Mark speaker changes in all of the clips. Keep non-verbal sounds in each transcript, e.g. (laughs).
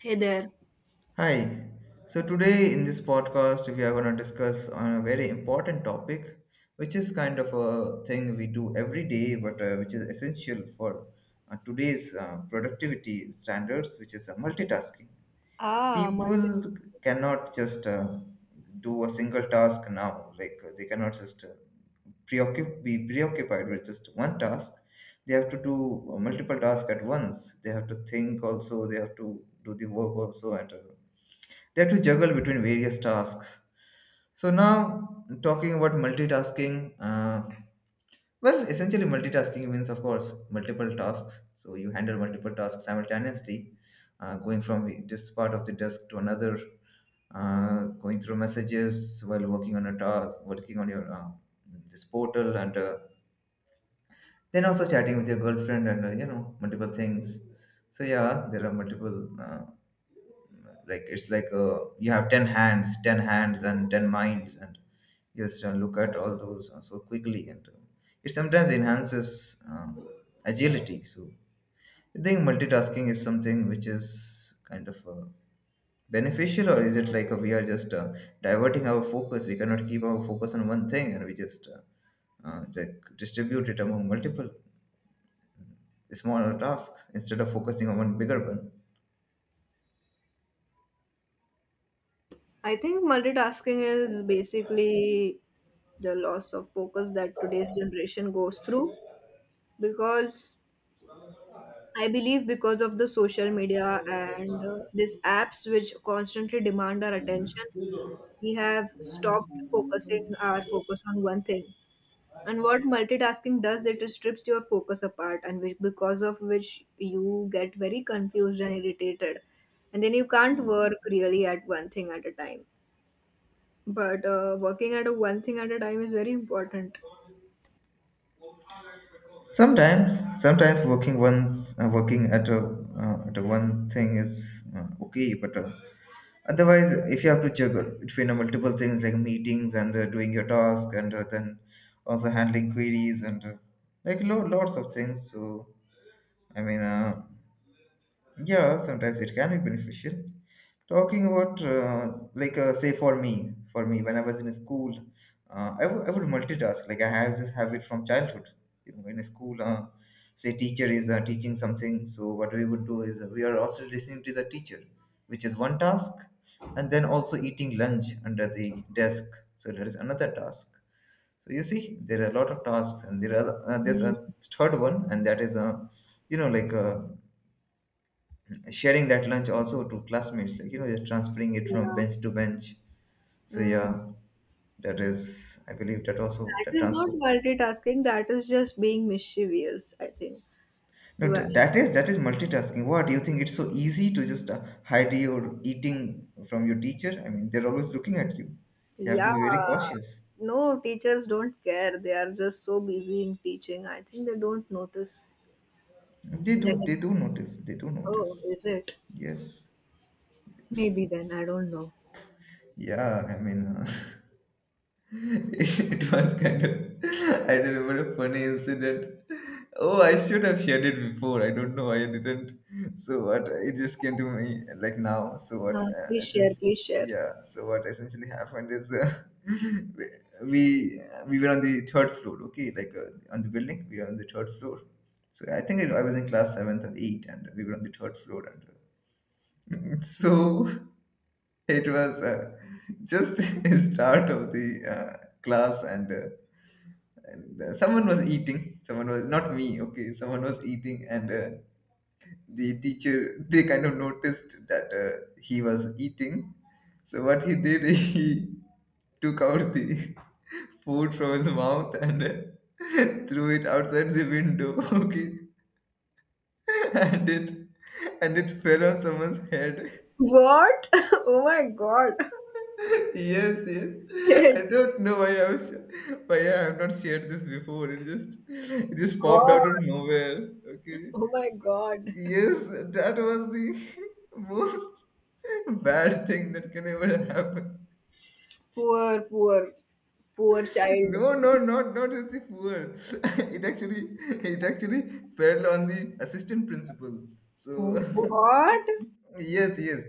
Speaker 1: Hey there.
Speaker 2: Hi. So today in this podcast, we are going to discuss on a very important topic, which is kind of a thing we do every day, but which is essential for today's productivity standards, which is multitasking.
Speaker 1: Ah, multi-
Speaker 2: People cannot just do a single task now. Like they cannot just be preoccupied with just one task. They have to do multiple tasks at once. They have to think also. They have to do the work also and. They have to juggle between various tasks. So now talking about multitasking, well, essentially multitasking means, of course, multiple tasks. So you handle multiple tasks simultaneously, going from this part of the desk to another, uh, going through messages while working on a task, working on your this portal, and then also chatting with your girlfriend and multiple things. So yeah, there are multiple like it's like you have 10 hands and 10 minds and just look at all those so quickly and it sometimes enhances agility. So I think multitasking is something which is kind of beneficial, or is it like we are just diverting our focus? We cannot keep our focus on one thing and we just like distribute it among multiple smaller tasks instead of focusing on one bigger one.
Speaker 1: I think multitasking is basically the loss of focus that today's generation goes through because I believe because of the social media and these apps which constantly demand our attention, we have stopped focusing our focus on one thing. And what multitasking does, it strips your focus apart, and because of which you get very confused and irritated. And then you can't work really at one thing at a time. But working at a one thing at a time is very important.
Speaker 2: Sometimes working once, working at a one thing is okay, but otherwise, if you have to juggle between multiple things like meetings and doing your task, and then also handling queries and like lots of things. So I mean, yeah, sometimes it can be beneficial. Talking about, say for me, when I was in school, I would multitask. Like I have this habit from childhood. You know, in school, say teacher is teaching something, so what we would do is we are also listening to the teacher, which is one task, and then also eating lunch under the desk. So there is another task. So you see, there are a lot of tasks, and there are there's
Speaker 1: Mm,
Speaker 2: a third one, and that is a, you know, like sharing that lunch also to classmates, like, you know, just transferring it from
Speaker 1: yeah.
Speaker 2: bench to bench. So
Speaker 1: Mm.
Speaker 2: yeah, that is, I believe, that also the
Speaker 1: That is not
Speaker 2: transport.
Speaker 1: multitasking. That is just being mischievous. I think
Speaker 2: No,
Speaker 1: you are.
Speaker 2: that is, that is multitasking. What do you think? It's so easy to just hide your eating from your teacher? I mean, they're always looking at you. You have to
Speaker 1: Yeah.
Speaker 2: be very cautious.
Speaker 1: No, teachers don't care. They are just so busy in teaching. I think they don't notice.
Speaker 2: They
Speaker 1: And
Speaker 2: do,
Speaker 1: they're like,
Speaker 2: they do notice. They do notice.
Speaker 1: oh, is it?
Speaker 2: Yes.
Speaker 1: Maybe then I don't know.
Speaker 2: Yeah, I mean, (laughs) (laughs) it was kind of. I remember a funny incident. Oh, I should have shared it before. I don't know why I didn't. So what? It just came to me like now. So what?
Speaker 1: Please share.
Speaker 2: Essentially,
Speaker 1: Please share.
Speaker 2: yeah. So what essentially happened is (laughs) we we were on the third floor. Okay, like on the building, we were on the third floor. So I think I was in class seventh or eight, and we were on the third floor. And (laughs) so it was just (laughs) start of the class. And someone was eating, someone was not me, okay, someone was eating, and the teacher, they kind of noticed that he was eating. So what he did, (laughs) he took out the (laughs) food from his mouth and (laughs) threw it outside the window. (laughs) Okay, and it, and it fell on someone's head.
Speaker 1: What? (laughs) Oh my God. (laughs)
Speaker 2: Yes, yes. I
Speaker 1: Shit,
Speaker 2: don't know why I was, why I have not shared this before. It just popped
Speaker 1: God.
Speaker 2: out of nowhere. Okay.
Speaker 1: Oh my
Speaker 2: So,
Speaker 1: God.
Speaker 2: yes, that was the (laughs) most bad thing that can ever happen.
Speaker 1: Poor, poor, poor child.
Speaker 2: No, no, not as the poor. (laughs) It actually fell on the assistant principal. So,
Speaker 1: What?
Speaker 2: (laughs) yes, yes.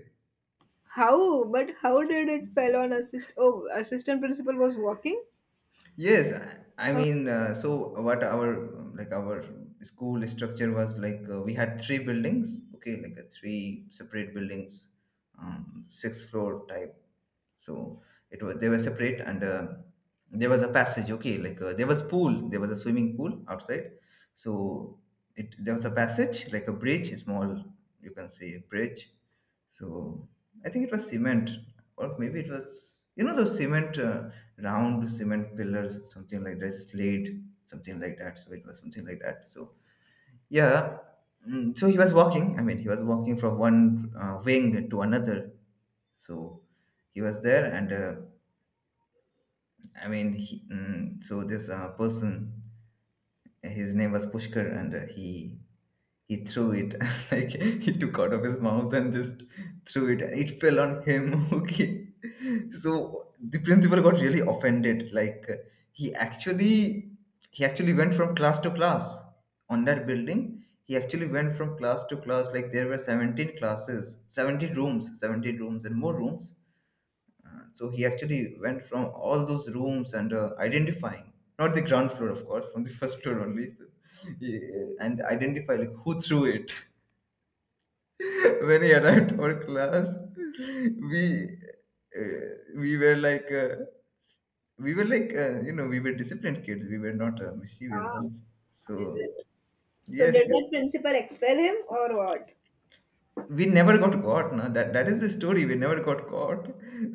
Speaker 1: How? But how did it fell on assist? Oh, assistant principal was walking.
Speaker 2: Yes, I
Speaker 1: Oh,
Speaker 2: mean, so what our like our school structure was like we had three buildings, okay, like three separate buildings, six floor type. So it was, they were separate, and there was a passage, okay, like there was pool, there was a swimming pool outside. So it, there was a passage, like a bridge, small, you can say a bridge, so I think it was cement, or maybe it was, you know, those cement round cement pillars, something like that, slate, something like that. So it was something like that. So yeah, so he was walking. I mean, he was walking from one wing to another. So he was there, and I mean, he, so this person, his name was Pushkar, and he threw it, (laughs) like he took out of his mouth and just threw it. It fell on him. (laughs) Okay, so the principal got really offended. Like he actually, he actually went from class to class on that building. He actually went from class to class. Like there were 17 classes, 70 rooms, 70 rooms, and more rooms. So he actually went from all those rooms and identifying, not the ground floor, of course, from the first floor only, so, he, and identify like who threw it. (laughs) When he arrived to our class, we, uh, we were like uh, we were like you know, we were disciplined kids. We were not mischievous
Speaker 1: ah,
Speaker 2: ones.
Speaker 1: is
Speaker 2: So
Speaker 1: it? So
Speaker 2: yes,
Speaker 1: did
Speaker 2: yes.
Speaker 1: that principal expel him or what?
Speaker 2: We never got caught, na. That, that is the story. We never got caught.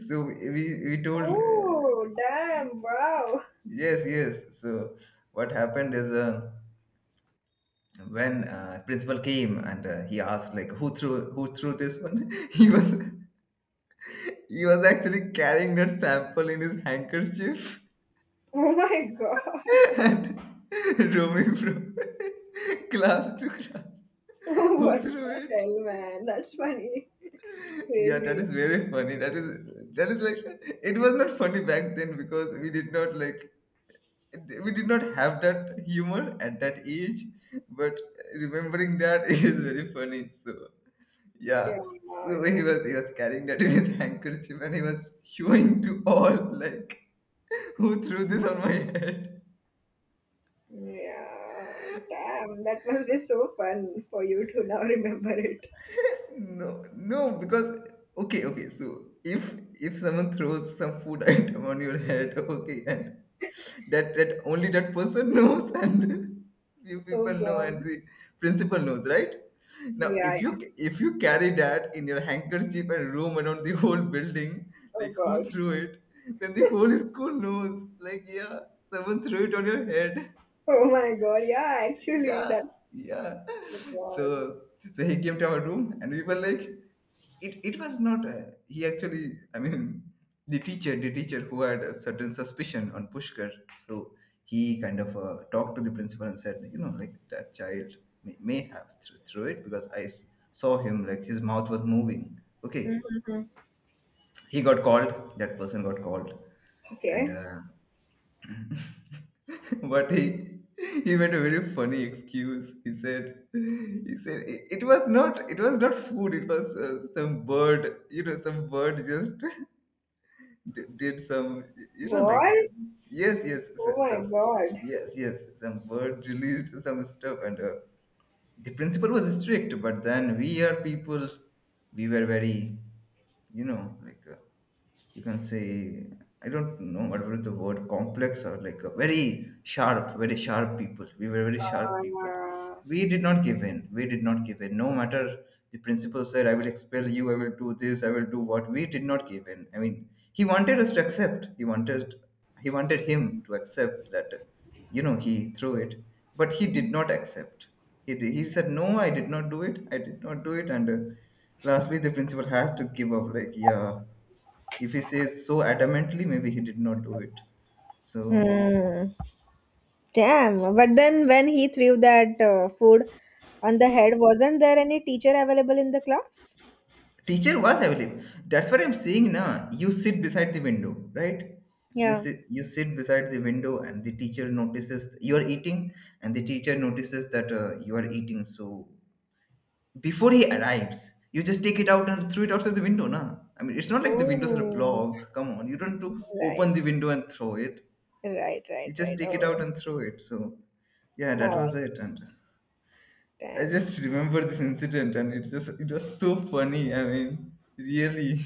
Speaker 2: So we told,
Speaker 1: Oh, damn! Wow!
Speaker 2: yes, yes. So what happened is, when principal came and he asked like who threw this one. (laughs) He was, he was actually carrying that sample in his handkerchief,
Speaker 1: Oh my God!
Speaker 2: (laughs) and (laughs) roaming from (laughs) class to class,
Speaker 1: (laughs)
Speaker 2: who
Speaker 1: What
Speaker 2: threw
Speaker 1: the
Speaker 2: it.
Speaker 1: hell, man? That's funny.
Speaker 2: Yeah, that
Speaker 1: Crazy.
Speaker 2: is very funny. That is, that is like, it was not funny back then because we did not like, we did not have that humor at that age, but remembering that, (laughs) it is very funny. So yeah.
Speaker 1: Yeah, I
Speaker 2: So
Speaker 1: can.
Speaker 2: he was, he was carrying that in his handkerchief and he was showing to all like who threw this
Speaker 1: Hmm.
Speaker 2: on my head.
Speaker 1: Yeah, damn. That must be so fun for you to now remember it.
Speaker 2: No, no, because, okay, okay, so if someone throws some food (laughs) item on your head, okay, and that, that only that person (laughs) knows, and few people
Speaker 1: Oh
Speaker 2: know, and
Speaker 1: God.
Speaker 2: the principal knows, right? Now
Speaker 1: Yeah,
Speaker 2: if you,
Speaker 1: yeah.
Speaker 2: if you carry that in your handkerchief and roam around the whole building,
Speaker 1: Oh
Speaker 2: like who
Speaker 1: God.
Speaker 2: threw it, then the whole school knows, like, yeah, someone threw it on your head.
Speaker 1: Oh my God, yeah,
Speaker 2: (laughs)
Speaker 1: actually,
Speaker 2: Yeah,
Speaker 1: that's
Speaker 2: yeah,
Speaker 1: so
Speaker 2: so,
Speaker 1: God.
Speaker 2: so he came to our room and we were like, it was not he actually, I mean, the teacher, the teacher who had a certain suspicion on Pushkar, so he kind of talked to the principal and said, you know, like that child may have through it, because I saw him, like his mouth was moving, okay. He got called, that person got called, and
Speaker 1: Okay.
Speaker 2: (laughs) but he made a very funny excuse. He said, he said, it was not, it was not food, it was some bird, you know, some bird just (laughs) did some, you know, like
Speaker 1: What?
Speaker 2: yes, yes, so,
Speaker 1: Oh
Speaker 2: so,
Speaker 1: my God.
Speaker 2: yes, yes, some word released some stuff, and the principal was strict. But then we are people, we were very, you know, like you can say, I don't know what was the word, complex, or like a very sharp people. We were very sharp people.
Speaker 1: Uh,
Speaker 2: We did not give in. We did not give in. No matter, the principal said, I will expel you, I will do this, I will do what. We did not give in. I mean, he wanted us to accept. He wanted, he wanted him to accept that, you know, he threw it. But he did not accept. He, he said, no, I did not do it. I did not do it. And lastly, the principal has to give up like, yeah, if he says so adamantly, maybe he did not do it. So
Speaker 1: Hmm. Damn. But then when he threw that food on the head, wasn't there any teacher available in the class?
Speaker 2: teacher was, I believe. That's what I'm saying now. You sit beside the window, right? You
Speaker 1: Yeah.
Speaker 2: sit, you sit beside the window and the teacher notices you're eating, and the teacher notices that you are eating. So before he arrives, you just take it out and throw it outside the window, nah. I mean, it's not like the windows are
Speaker 1: Oh,
Speaker 2: blocked. Come on, you don't have to open
Speaker 1: right.
Speaker 2: the window and throw it.
Speaker 1: Right. Right.
Speaker 2: You just
Speaker 1: Right.
Speaker 2: take it
Speaker 1: Oh,
Speaker 2: out and throw it. So, yeah, that
Speaker 1: now
Speaker 2: was
Speaker 1: I
Speaker 2: it. And I
Speaker 1: damn.
Speaker 2: just remember this incident and it was so funny. I mean, really.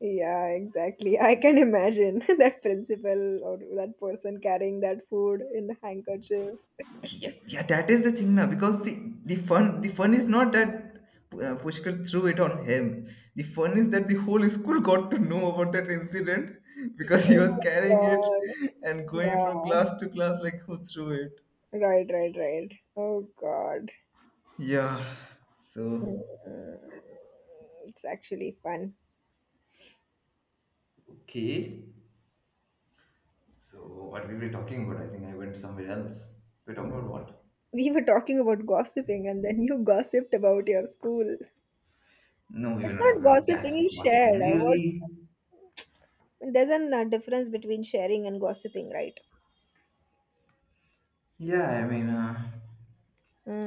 Speaker 1: Yeah, exactly. I can imagine (laughs) that principal or that person carrying that food in the handkerchief.
Speaker 2: Yeah, yeah, that is the thing now because the fun is not that Pushkar threw it on him. The fun is that the whole school got to know about that incident because he
Speaker 1: Oh
Speaker 2: was carrying it
Speaker 1: my
Speaker 2: and
Speaker 1: God.
Speaker 2: going from
Speaker 1: Yeah,
Speaker 2: class to class like who threw it.
Speaker 1: right, right, right. Oh God.
Speaker 2: Yeah.
Speaker 1: Mm,
Speaker 2: So.
Speaker 1: it's actually fun.
Speaker 2: Okay. So what we were talking about, I think I went somewhere else. We're talking about what?
Speaker 1: We were talking about gossiping and then you gossiped about your school.
Speaker 2: No, we were
Speaker 1: It's
Speaker 2: not
Speaker 1: not
Speaker 2: talking about gas
Speaker 1: gossiping, you
Speaker 2: gossiping.
Speaker 1: shared. What,
Speaker 2: Really?
Speaker 1: there's a difference between sharing and gossiping, right?
Speaker 2: Yeah, I mean,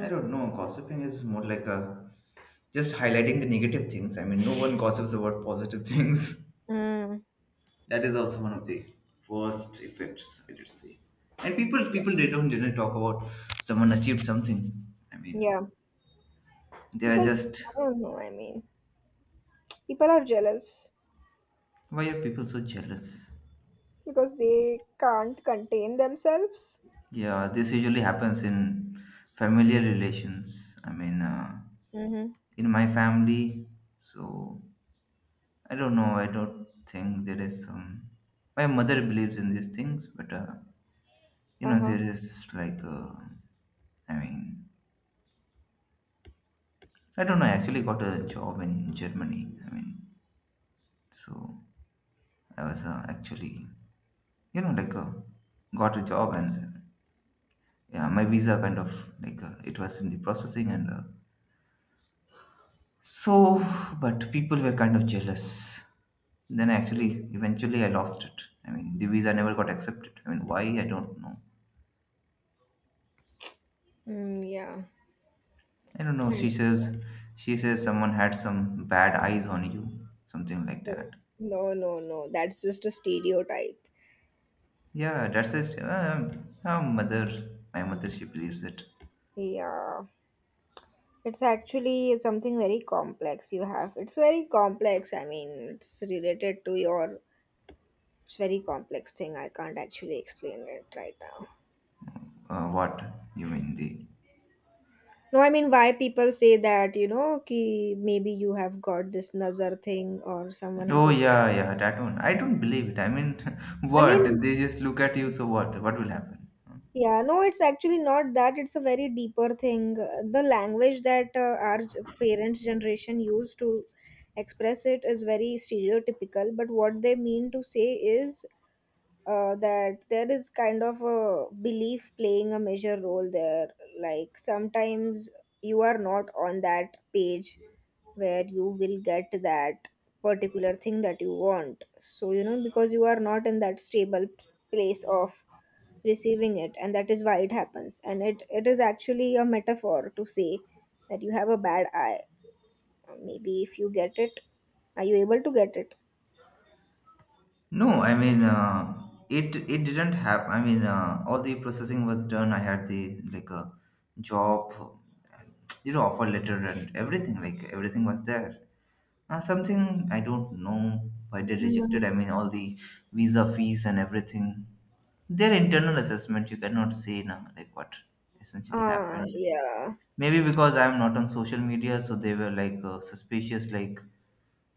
Speaker 2: I don't know. Gossiping is more like a just highlighting the negative things. I mean, no one gossips about positive things. (laughs)
Speaker 1: Mm.
Speaker 2: That is also one of the worst effects, I should say. And people, they don't generally talk about someone achieved something. I mean,
Speaker 1: Yeah.
Speaker 2: they are
Speaker 1: Because
Speaker 2: just
Speaker 1: I don't know, I mean, people are jealous
Speaker 2: why are people so jealous?
Speaker 1: because they can't contain themselves.
Speaker 2: Yeah, this usually happens in familiar relations. I mean,
Speaker 1: Mm-hmm.
Speaker 2: in my family, so I don't know. I don't think there is some. My mother believes in these things, but you know,
Speaker 1: Uh-huh.
Speaker 2: there is like, I mean, I don't know. I actually got a job in Germany. I mean, so I was actually, you know, like, got a job and yeah, my visa kind of like it was in the processing and so, but people were kind of jealous. Then actually, eventually, I lost it. I mean, the visa never got accepted. I mean, why? I don't know.
Speaker 1: Mm, yeah.
Speaker 2: I don't
Speaker 1: I
Speaker 2: know.
Speaker 1: understand.
Speaker 2: She says someone had some bad eyes on you, something like
Speaker 1: Oh,
Speaker 2: that.
Speaker 1: no, no, no. That's just a stereotype.
Speaker 2: Yeah, that's says her mother. My mother, she believes it.
Speaker 1: Yeah. It's actually something very complex you have. It's very complex. I mean, it's related to your. It's very complex thing. I can't actually explain it right now.
Speaker 2: What you mean the?
Speaker 1: No, I mean, why people say that, you know, ki maybe you have got this nazar thing or someone has
Speaker 2: Oh
Speaker 1: a.
Speaker 2: yeah, yeah, that one. I don't believe it. I mean, (laughs)
Speaker 1: I
Speaker 2: what?
Speaker 1: mean,
Speaker 2: They just look at you. So what? What will happen?
Speaker 1: yeah, no, it's actually not that. It's a very deeper thing. The language that our parents' generation used to express it is very stereotypical, but what they mean to say is that there is kind of a belief playing a major role there. Like sometimes you are not on that page where you will get that particular thing that you want. So, you know, because you are not in that stable place of receiving it, and that is why it happens. And it is actually a metaphor to say that you have a bad eye. Maybe if you get it, are you able to get it?
Speaker 2: No, I mean, it didn't have. I mean, all the processing was done. I had the like a job, you know, offer letter and everything. Like everything was there. Something I don't know why they rejected. I
Speaker 1: Mm.
Speaker 2: mean, all the visa fees and everything. Their internal assessment, you cannot say now, like what essentially
Speaker 1: Ah,
Speaker 2: happened.
Speaker 1: yeah.
Speaker 2: Maybe because I'm not on social media, so they were like suspicious, like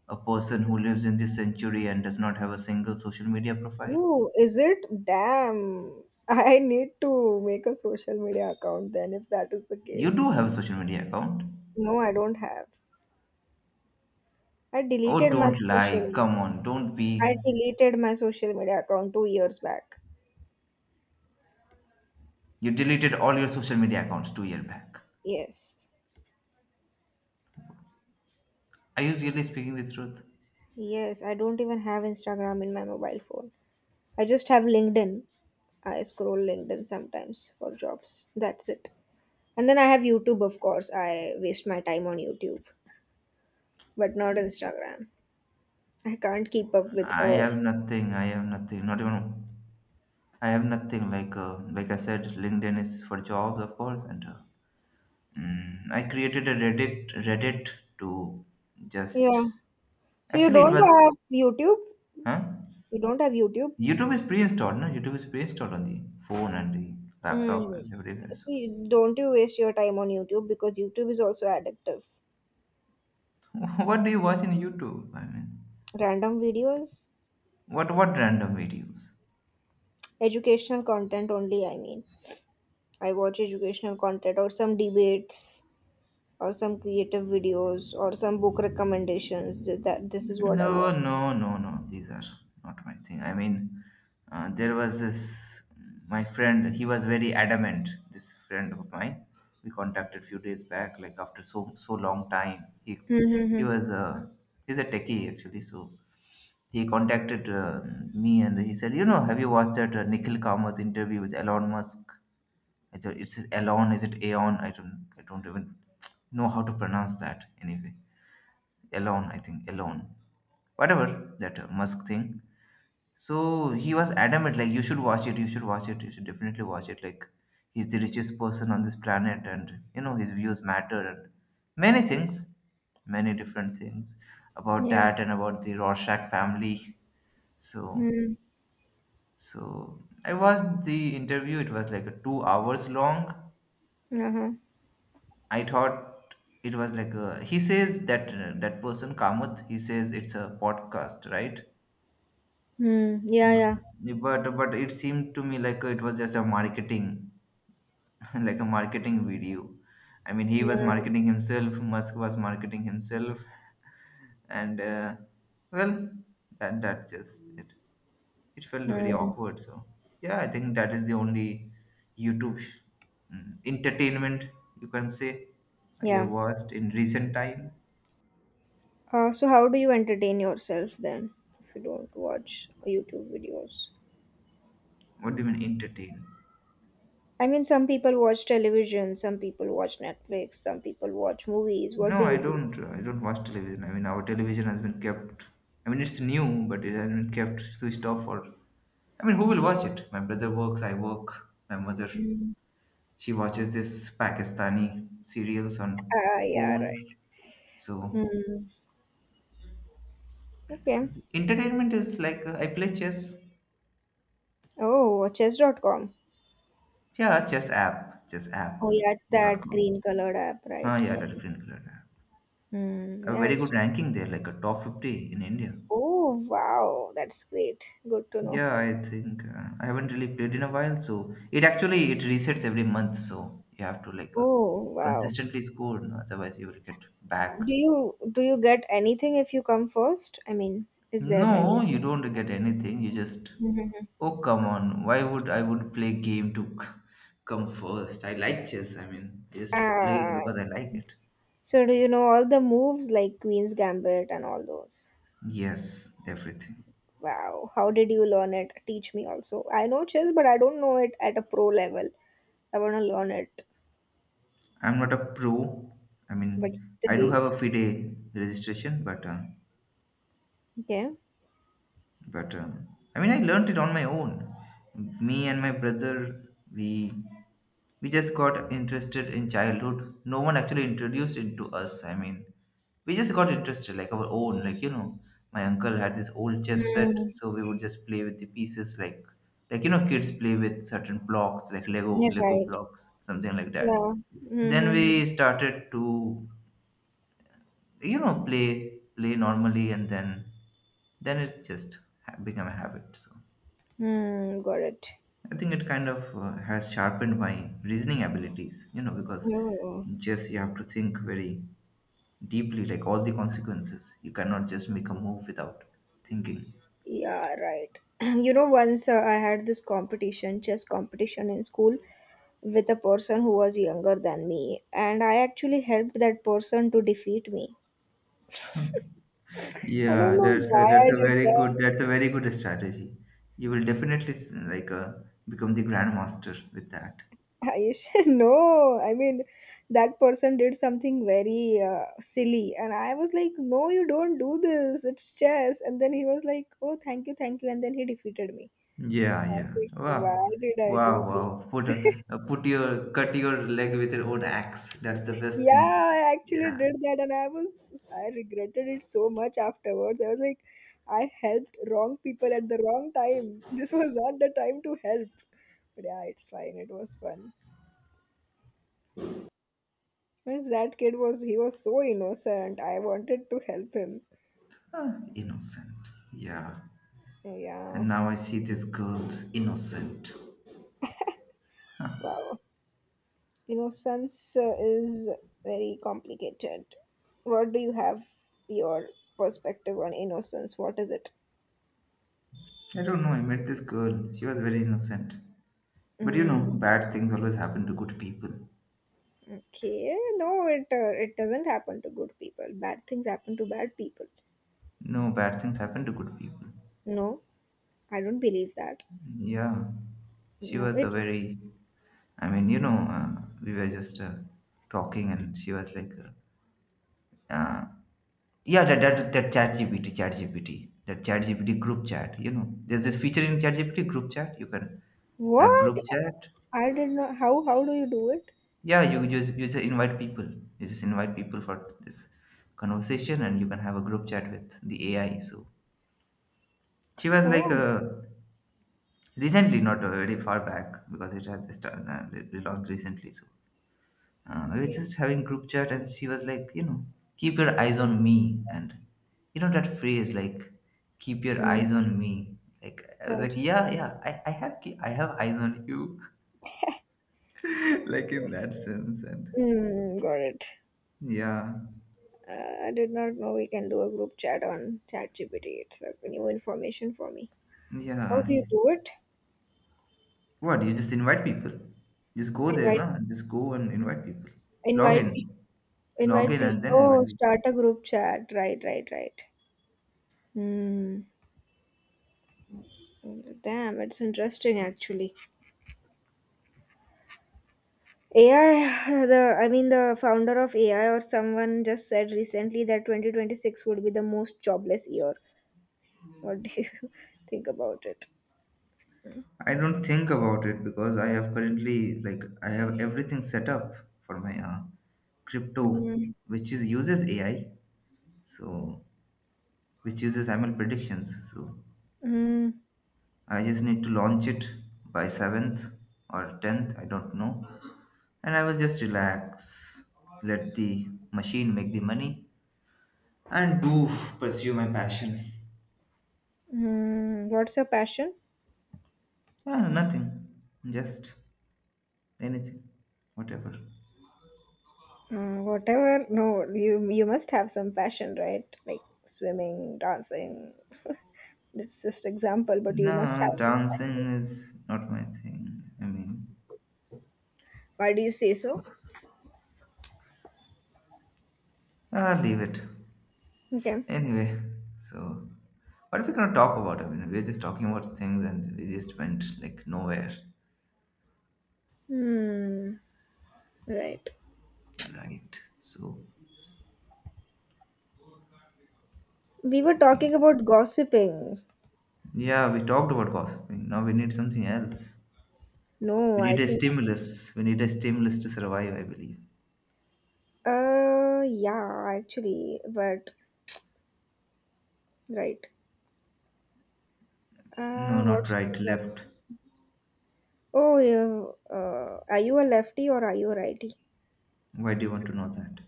Speaker 2: a person who lives in this century and does not have a single social media profile.
Speaker 1: Oh, is it? Damn. (laughs) I need to make a social media account then if that is the
Speaker 2: You
Speaker 1: case.
Speaker 2: do have a social media account.
Speaker 1: No, I don't have. I
Speaker 2: Oh,
Speaker 1: deleted my
Speaker 2: don't
Speaker 1: social
Speaker 2: lie. Come on, don't be.
Speaker 1: I deleted my social media account 2 years back.
Speaker 2: You deleted all your social media accounts 2 years back.
Speaker 1: Yes.
Speaker 2: Are you really speaking the truth?
Speaker 1: Yes, I don't even have Instagram in my mobile phone. I just have LinkedIn. I scroll LinkedIn sometimes for jobs. That's it. And then I have YouTube, of course. I waste my time on YouTube, but not Instagram. I can't keep up with
Speaker 2: I have nothing. I have nothing. Not even. I have nothing like like I said, LinkedIn is for jobs, of course, and mm, I created a Reddit to just
Speaker 1: yeah. So you
Speaker 2: actually it
Speaker 1: don't
Speaker 2: was
Speaker 1: have YouTube?
Speaker 2: huh?
Speaker 1: You don't have YouTube?
Speaker 2: YouTube is pre-installed, no? YouTube is pre-installed on the phone and the laptop and
Speaker 1: Mm.
Speaker 2: everywhere. So,
Speaker 1: So you, don't you waste your time on YouTube because YouTube is also addictive.
Speaker 2: (laughs) what do you watch in YouTube? I mean,
Speaker 1: Random videos,
Speaker 2: what random videos?
Speaker 1: educational content only, I mean. I watch educational content or some debates or some creative videos or some book recommendations. That this is what I watch.
Speaker 2: No, no, no, no. These are not my thing. I mean, there was this my friend. He was very adamant. This friend of mine, we contacted few days back. Like after so so long time, he
Speaker 1: Mm-hmm.
Speaker 2: was he's a techie actually. So he contacted me and he said, you know, have you watched that Nikhil Kamath interview with Elon Musk? I thought it's Elon. Is it Aeon? I don't even know how to pronounce that. Anyway, Elon. I think Elon whatever that Musk thing. So he was adamant, like you should watch it, you should watch it, you should definitely watch it. Like he's the richest person on this planet, and you know his views matter and many things, many different things about
Speaker 1: Yeah.
Speaker 2: that and about the Rorschach family. So
Speaker 1: Mm.
Speaker 2: so I watched the interview. It was like a 2 hours long.
Speaker 1: Uh-huh.
Speaker 2: I thought it was like a, he says that that person Kamath. He says it's a podcast, right?
Speaker 1: Mm. Yeah, yeah.
Speaker 2: Mm, but it seemed to me like it was just a marketing (laughs) like a marketing video. I mean, he was
Speaker 1: Yeah.
Speaker 2: marketing himself. Musk was marketing himself and well, that that just it it felt very
Speaker 1: Mm.
Speaker 2: awkward. So yeah, I think that is the only YouTube mm, entertainment, you can say, I have
Speaker 1: Yeah.
Speaker 2: watched in recent time.
Speaker 1: So how do you entertain yourself then if you don't watch YouTube videos?
Speaker 2: What do you mean entertain?
Speaker 1: I mean, some people watch television, some people watch Netflix, some people watch movies. What
Speaker 2: No,
Speaker 1: do
Speaker 2: I
Speaker 1: you do?
Speaker 2: don't. I don't watch television. I mean, our television has been kept. I mean, it's new, but it has been kept switched off. Or I mean, who will watch it? My brother works. I work. My mother,
Speaker 1: Mm.
Speaker 2: she watches this Pakistani serials on
Speaker 1: Ah, yeah,
Speaker 2: phone.
Speaker 1: right.
Speaker 2: So
Speaker 1: Hmm. Okay.
Speaker 2: entertainment is like I play chess.
Speaker 1: Oh, chess.com.
Speaker 2: Yeah, chess app
Speaker 1: Oh, yeah,
Speaker 2: dot
Speaker 1: that
Speaker 2: com.
Speaker 1: green colored app,
Speaker 2: Ah,
Speaker 1: right?
Speaker 2: yeah,
Speaker 1: Got
Speaker 2: that
Speaker 1: it.
Speaker 2: green color app.
Speaker 1: Hmm.
Speaker 2: A
Speaker 1: Yeah,
Speaker 2: very good
Speaker 1: it's.
Speaker 2: ranking there, like a top 50 in India.
Speaker 1: Oh, wow. That's great. Good to know.
Speaker 2: Yeah, I think I haven't really played in a while, so it actually it resets every month, so you have to like
Speaker 1: Oh, wow.
Speaker 2: consistently score, no, otherwise you will get back.
Speaker 1: Do you get anything if you come first? I mean, is there
Speaker 2: No,
Speaker 1: any?
Speaker 2: you don't get anything. You just
Speaker 1: Mhm.
Speaker 2: oh come on, why would I would play game to come first? I like chess. I mean, I just play it
Speaker 1: Ah,
Speaker 2: because I like it.
Speaker 1: so, do you know all the moves like Queen's Gambit and all those?
Speaker 2: Yes, everything.
Speaker 1: Wow, how did you learn it? Teach me also. I know chess, but I don't know it at a pro level. I want to learn it,
Speaker 2: I'm not a pro. I
Speaker 1: but
Speaker 2: mean, I do
Speaker 1: still,
Speaker 2: have a FIDE registration, but
Speaker 1: okay.
Speaker 2: but um, I mean, I learned it on my own. Me and my brother, we just got interested in childhood. No one actually introduced it to us. I mean, we just got interested like our own, like, you know, my uncle had this old chess set,
Speaker 1: Mm,
Speaker 2: so we would just play with the pieces, like, you know, kids play with certain blocks like lego
Speaker 1: you're
Speaker 2: lego
Speaker 1: right.
Speaker 2: blocks, something like that.
Speaker 1: Yeah.
Speaker 2: Then we
Speaker 1: Mm-hmm.
Speaker 2: started to, you know, play normally, and then it just became a habit. So
Speaker 1: Mm, got it.
Speaker 2: I think it kind of has sharpened my reasoning abilities, you know, because
Speaker 1: Oh,
Speaker 2: in chess you have to think very deeply, like all the consequences, you cannot just make a move without thinking.
Speaker 1: yeah, right. (clears throat) You know, once I had this competition, chess competition in school with a person who was younger than me, and I actually helped that person to defeat me. I don't
Speaker 2: Yeah,
Speaker 1: know why
Speaker 2: that's
Speaker 1: I
Speaker 2: a
Speaker 1: did
Speaker 2: very good,
Speaker 1: that.
Speaker 2: that's a very good strategy. You will definitely like become the grandmaster with that.
Speaker 1: I should know. (laughs) I mean, that person did something very silly, and I was like, "No, you don't do this. It's chess." And then he was like, "Oh, thank you," and then he defeated me.
Speaker 2: Yeah,
Speaker 1: I
Speaker 2: yeah.
Speaker 1: was like, why
Speaker 2: Wow,
Speaker 1: did I
Speaker 2: wow,
Speaker 1: do
Speaker 2: wow.
Speaker 1: this?
Speaker 2: Put put your cut your leg with your own axe. That's the best thing.
Speaker 1: Yeah, I actually
Speaker 2: Yeah.
Speaker 1: did that, and I regretted it so much afterwards. I was like, I helped wrong people at the wrong time. This was not the time to help. But yeah, it's fine. It was fun. Means that kid was, he was so innocent. I wanted to help him.
Speaker 2: Ah, innocent. Yeah. And
Speaker 1: Yeah.
Speaker 2: now I see this girl's innocent. Huh.
Speaker 1: Wow. Innocence is very complicated. What do you have your perspective on innocence? What is it?
Speaker 2: I don't know. I met this girl. She was very innocent. But you know,
Speaker 1: Mm,
Speaker 2: bad things always happen to good people.
Speaker 1: okay. No, it doesn't happen to good people. Bad things happen to bad people.
Speaker 2: No, bad things happen to good people.
Speaker 1: No, I don't believe that.
Speaker 2: Yeah. She
Speaker 1: No,
Speaker 2: was a
Speaker 1: it.
Speaker 2: very, I mean, you know, we were just talking and she was like, uh, yeah, that ChatGPT group chat. You know, there's this feature in ChatGPT group chat. You can have
Speaker 1: What?
Speaker 2: group chat.
Speaker 1: I did not. How do you do it?
Speaker 2: Yeah, you just invite people. You just invite people for this conversation, and you can have a group chat with the AI. So she was like,
Speaker 1: Oh,
Speaker 2: recently, not very far back, because it has just launched recently. So we were
Speaker 1: okay.
Speaker 2: just having group chat, and she was like, you know, keep your eyes on me, and you know that phrase like, keep your
Speaker 1: Mm,
Speaker 2: eyes on me. Like I was like,
Speaker 1: right.
Speaker 2: yeah, yeah, I have I have eyes on you, (laughs) like in that sense, and
Speaker 1: Mm, got it.
Speaker 2: yeah,
Speaker 1: I did not know we can do a group chat on ChatGPT. It's a new information for me. How do
Speaker 2: yeah.
Speaker 1: you do it?
Speaker 2: What you just invite people? Just go there,
Speaker 1: Invite,
Speaker 2: no? Just go and invite people. Log
Speaker 1: invite,
Speaker 2: in,
Speaker 1: pe-
Speaker 2: log
Speaker 1: invite
Speaker 2: in, and
Speaker 1: people.
Speaker 2: then
Speaker 1: Oh,
Speaker 2: invite people.
Speaker 1: start a group chat. Right, right, right. Hmm. Damn, it's interesting actually. AI, the I mean the founder of AI or someone just said recently that 2026 would be the most jobless year. What do you (laughs) think about it?
Speaker 2: I don't think about it because I have currently like I have everything set up for my crypto,
Speaker 1: Mm,
Speaker 2: which is uses AI, so which uses ML predictions. So
Speaker 1: mm,
Speaker 2: I just need to launch it by 7th or 10th, I don't know, and I will just relax, let the machine make the money, and do pursue my passion.
Speaker 1: mm. What's your passion?
Speaker 2: Yeah, nothing, just anything, whatever.
Speaker 1: Whatever. No, you must have some passion, right? Like swimming, dancing. It's just example, but you must
Speaker 2: No,
Speaker 1: have some passion.
Speaker 2: dancing is not my thing. I mean,
Speaker 1: Why do you say so?
Speaker 2: ah, leave it.
Speaker 1: Okay.
Speaker 2: Anyway, so what are we gonna talk about? I mean, we're just talking about things and we just went like nowhere,
Speaker 1: Hmm. Right.
Speaker 2: right? So
Speaker 1: We were
Speaker 2: talking.
Speaker 1: talking about gossiping.
Speaker 2: Yeah, we talked about gossiping. Now we need something else.
Speaker 1: No,
Speaker 2: We
Speaker 1: I
Speaker 2: need a
Speaker 1: think.
Speaker 2: stimulus. We need a stimulus to survive, I believe.
Speaker 1: Yeah, actually, but right.
Speaker 2: No,
Speaker 1: What
Speaker 2: not
Speaker 1: should we
Speaker 2: right,
Speaker 1: talk?
Speaker 2: left.
Speaker 1: Oh, yeah, are you a lefty or are you a righty?
Speaker 2: Why do you want to know that?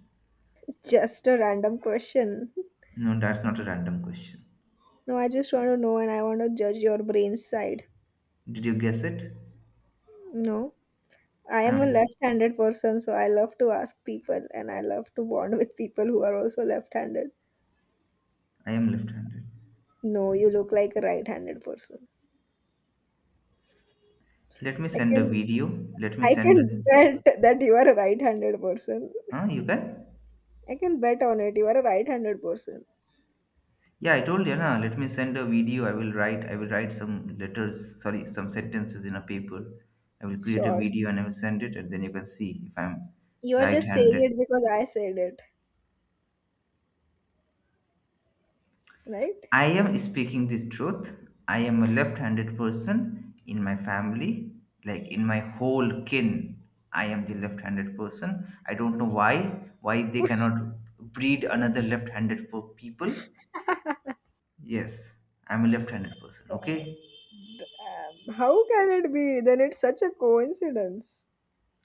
Speaker 1: Just a random question. (laughs)
Speaker 2: No, that's not a random question.
Speaker 1: No, I just want to know, and I want to judge your brain side.
Speaker 2: Did you guess it?
Speaker 1: No, I am a
Speaker 2: I'm,
Speaker 1: left-handed person, so I love to ask people and I love to bond with people who are also left-handed.
Speaker 2: I am left-handed.
Speaker 1: No, you look like a right-handed person.
Speaker 2: Let me
Speaker 1: I
Speaker 2: send a
Speaker 1: can
Speaker 2: video. Let me
Speaker 1: I
Speaker 2: send. A,
Speaker 1: can bet that you are a right-handed person.
Speaker 2: huh? You can.
Speaker 1: I can bet on it. You are a right-handed person.
Speaker 2: Yeah, I told you. Na, let me send a video. I will write. I will write some letters. Sorry, some sentences in a paper. I will create a
Speaker 1: Sure.
Speaker 2: video and I will send it, and then you can see if I'm
Speaker 1: You are just saying
Speaker 2: right-handed.
Speaker 1: it because I said it, right?
Speaker 2: I am speaking the truth. I am a left-handed person in my family, like in my whole kin. I am the left-handed person. I don't know why. Why they cannot breed another left-handed people? Yes, I'm a left-handed person. Okay,
Speaker 1: How can it be? Then it's such a coincidence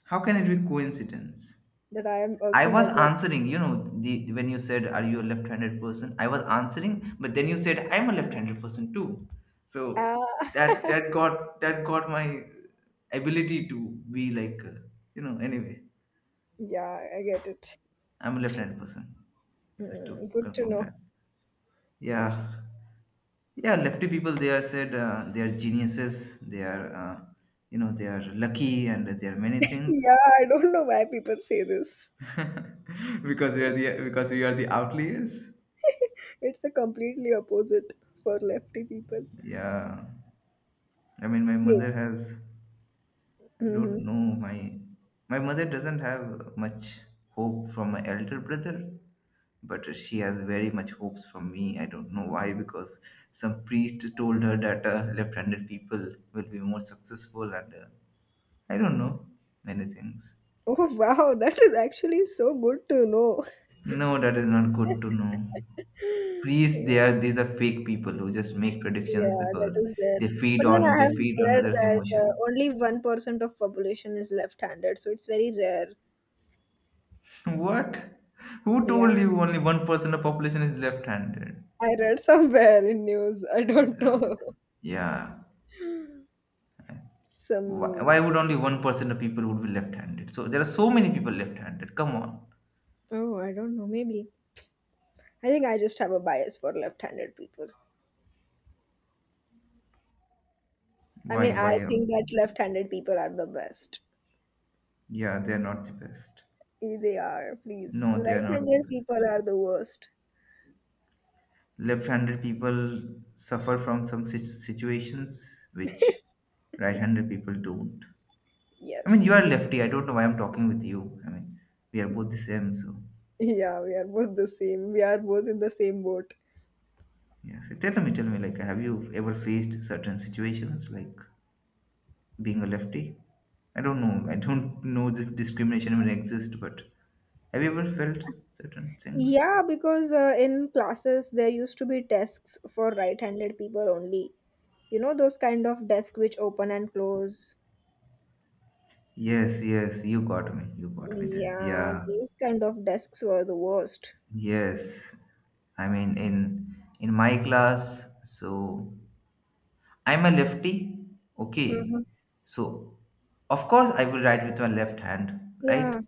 Speaker 2: how can it be coincidence?
Speaker 1: that I am
Speaker 2: I
Speaker 1: also
Speaker 2: was
Speaker 1: metal.
Speaker 2: answering, the when you said, "Are you a left-handed person?" I was answering, but then you said, "I'm a left-handed person too." So
Speaker 1: Ah, (laughs)
Speaker 2: that got my ability to be like, Anyway,
Speaker 1: yeah, I get it.
Speaker 2: I'm a left-handed person. Just
Speaker 1: Hmm,
Speaker 2: to
Speaker 1: good to
Speaker 2: confirm
Speaker 1: know.
Speaker 2: that. Yeah, yeah. Lefty people, they are said they are geniuses. They are, they are lucky and they are many things.
Speaker 1: Yeah, I don't know why people say this.
Speaker 2: (laughs) Because we are the outliers.
Speaker 1: It's a completely opposite for lefty people.
Speaker 2: Yeah, I mean, my
Speaker 1: Maybe.
Speaker 2: mother has, I don't
Speaker 1: Hmm.
Speaker 2: know, my mother doesn't have much hope from my elder brother, but she has very much hopes from me. I don't know why, because some priest told her that left-handed people will be more successful, and I don't know many things.
Speaker 1: Oh wow, that is actually so good to know.
Speaker 2: No, that is not good to know.
Speaker 1: (laughs)
Speaker 2: Priests, they
Speaker 1: Yeah,
Speaker 2: are these are fake people who just make predictions
Speaker 1: yeah, that
Speaker 2: because
Speaker 1: is there. But then I
Speaker 2: they
Speaker 1: have
Speaker 2: feed on
Speaker 1: read
Speaker 2: others
Speaker 1: that
Speaker 2: emotions.
Speaker 1: only 1% of population is left-handed, so it's very rare.
Speaker 2: (laughs) What? Who
Speaker 1: Yeah,
Speaker 2: told you only 1% of population is left-handed?
Speaker 1: I read somewhere in news. I don't
Speaker 2: The-
Speaker 1: know. (laughs)
Speaker 2: yeah, why
Speaker 1: Some,
Speaker 2: would only 1% of people would be left-handed? So there are so many people left-handed, come on.
Speaker 1: oh, I don't know, maybe. I think I just have a bias for left-handed people. I mean, I
Speaker 2: Why
Speaker 1: think that left-handed people are the best.
Speaker 2: Yeah, they are not the best.
Speaker 1: Eh, they are, please.
Speaker 2: No, they are not the
Speaker 1: Right-handed
Speaker 2: best.
Speaker 1: people are the worst.
Speaker 2: Left-handed people suffer from some situations which right-handed people don't. I mean, you
Speaker 1: Yes.
Speaker 2: are
Speaker 1: (laughs)
Speaker 2: lefty. I don't know why I'm talking with you. I mean, we are both the same. So,
Speaker 1: Yeah, we are both the same. We are both in the same boat.
Speaker 2: yeah. So tell me, like, have you ever faced certain situations like being a lefty? I don't know. I don't know this discrimination even exist, but have you ever felt certain things?
Speaker 1: Yeah, because in classes there used to be desks for right-handed people only. You know those kind of desks which open and close.
Speaker 2: Yes, yes. You got me. You got me there.
Speaker 1: Yeah,
Speaker 2: Yeah.
Speaker 1: these kind of desks were the worst.
Speaker 2: Yes. I mean, in my class, so I'm a lefty. Okay.
Speaker 1: Mhm.
Speaker 2: So, of course, I will write with my left hand,
Speaker 1: Yeah,
Speaker 2: right?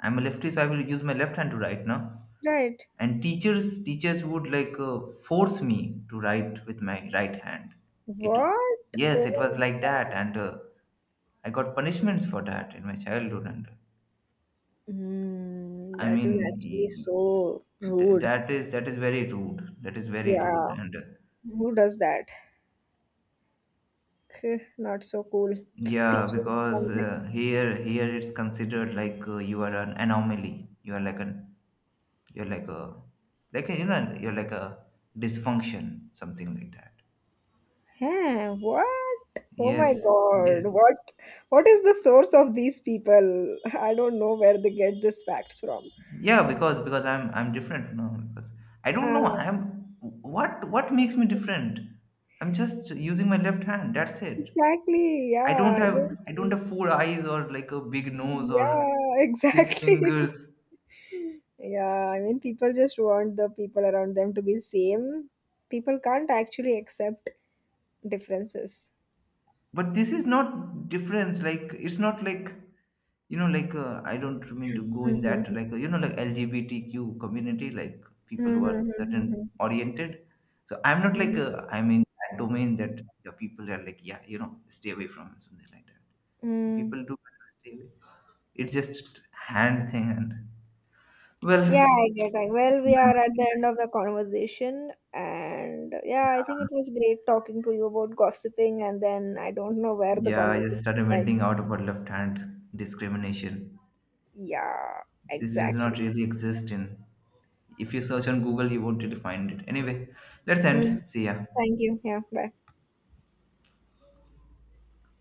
Speaker 2: I'm a lefty, so I will use my left hand to write now.
Speaker 1: right.
Speaker 2: And teachers would like force me to write with my right hand. It,
Speaker 1: What?
Speaker 2: yes,
Speaker 1: Oh
Speaker 2: it was
Speaker 1: my
Speaker 2: like that,
Speaker 1: God.
Speaker 2: and I got punishments for that in my childhood. And
Speaker 1: Mm,
Speaker 2: I
Speaker 1: that is
Speaker 2: mean,
Speaker 1: actually so rude.
Speaker 2: that is very rude. That is very
Speaker 1: Yeah,
Speaker 2: rude, and
Speaker 1: who does that? Not so cool.
Speaker 2: yeah.
Speaker 1: Teachers
Speaker 2: Because
Speaker 1: sometimes.
Speaker 2: here it's considered like you are an anomaly. You are like an, you're like a, you're like a dysfunction, something like that.
Speaker 1: Huh, what? Oh my
Speaker 2: Yes,
Speaker 1: God.
Speaker 2: yes,
Speaker 1: What is the source of these people? I don't know where they get these facts from.
Speaker 2: yeah. Because I'm different. No, because I don't know.
Speaker 1: Uh,
Speaker 2: I'm, what makes me different? I'm just using my left hand. That's it.
Speaker 1: exactly. Yeah. I
Speaker 2: I don't
Speaker 1: don't-
Speaker 2: have four eyes or like a big nose or
Speaker 1: Yeah, (laughs)
Speaker 2: six
Speaker 1: exactly.
Speaker 2: fingers.
Speaker 1: Yeah, I mean, people just want the people around them to be same. People can't actually accept differences.
Speaker 2: But this is not difference, like it's not like, you know, like I don't mean to go in that,
Speaker 1: Mm-hmm.
Speaker 2: like like LGBTQ community, like people who are certain
Speaker 1: Mm-hmm.
Speaker 2: oriented. So I'm not like, I'm in that domain that the people are like, yeah, you know, stay away from, and something like that. And
Speaker 1: Mm-hmm.
Speaker 2: people do stay away. It's just hand thing, and
Speaker 1: Yeah,
Speaker 2: well,
Speaker 1: I get it. Well, we are at the end of the conversation, and yeah, I think it was great talking to you about gossiping, and then I don't know where the
Speaker 2: yeah, I just
Speaker 1: conversation
Speaker 2: started
Speaker 1: went.
Speaker 2: venting out about left hand discrimination.
Speaker 1: Yeah,
Speaker 2: This does not
Speaker 1: exactly.
Speaker 2: really exist in, if you search on Google, you won't really find it anyway. Let's end.
Speaker 1: Mm,
Speaker 2: See ya.
Speaker 1: thank you. Yeah, bye.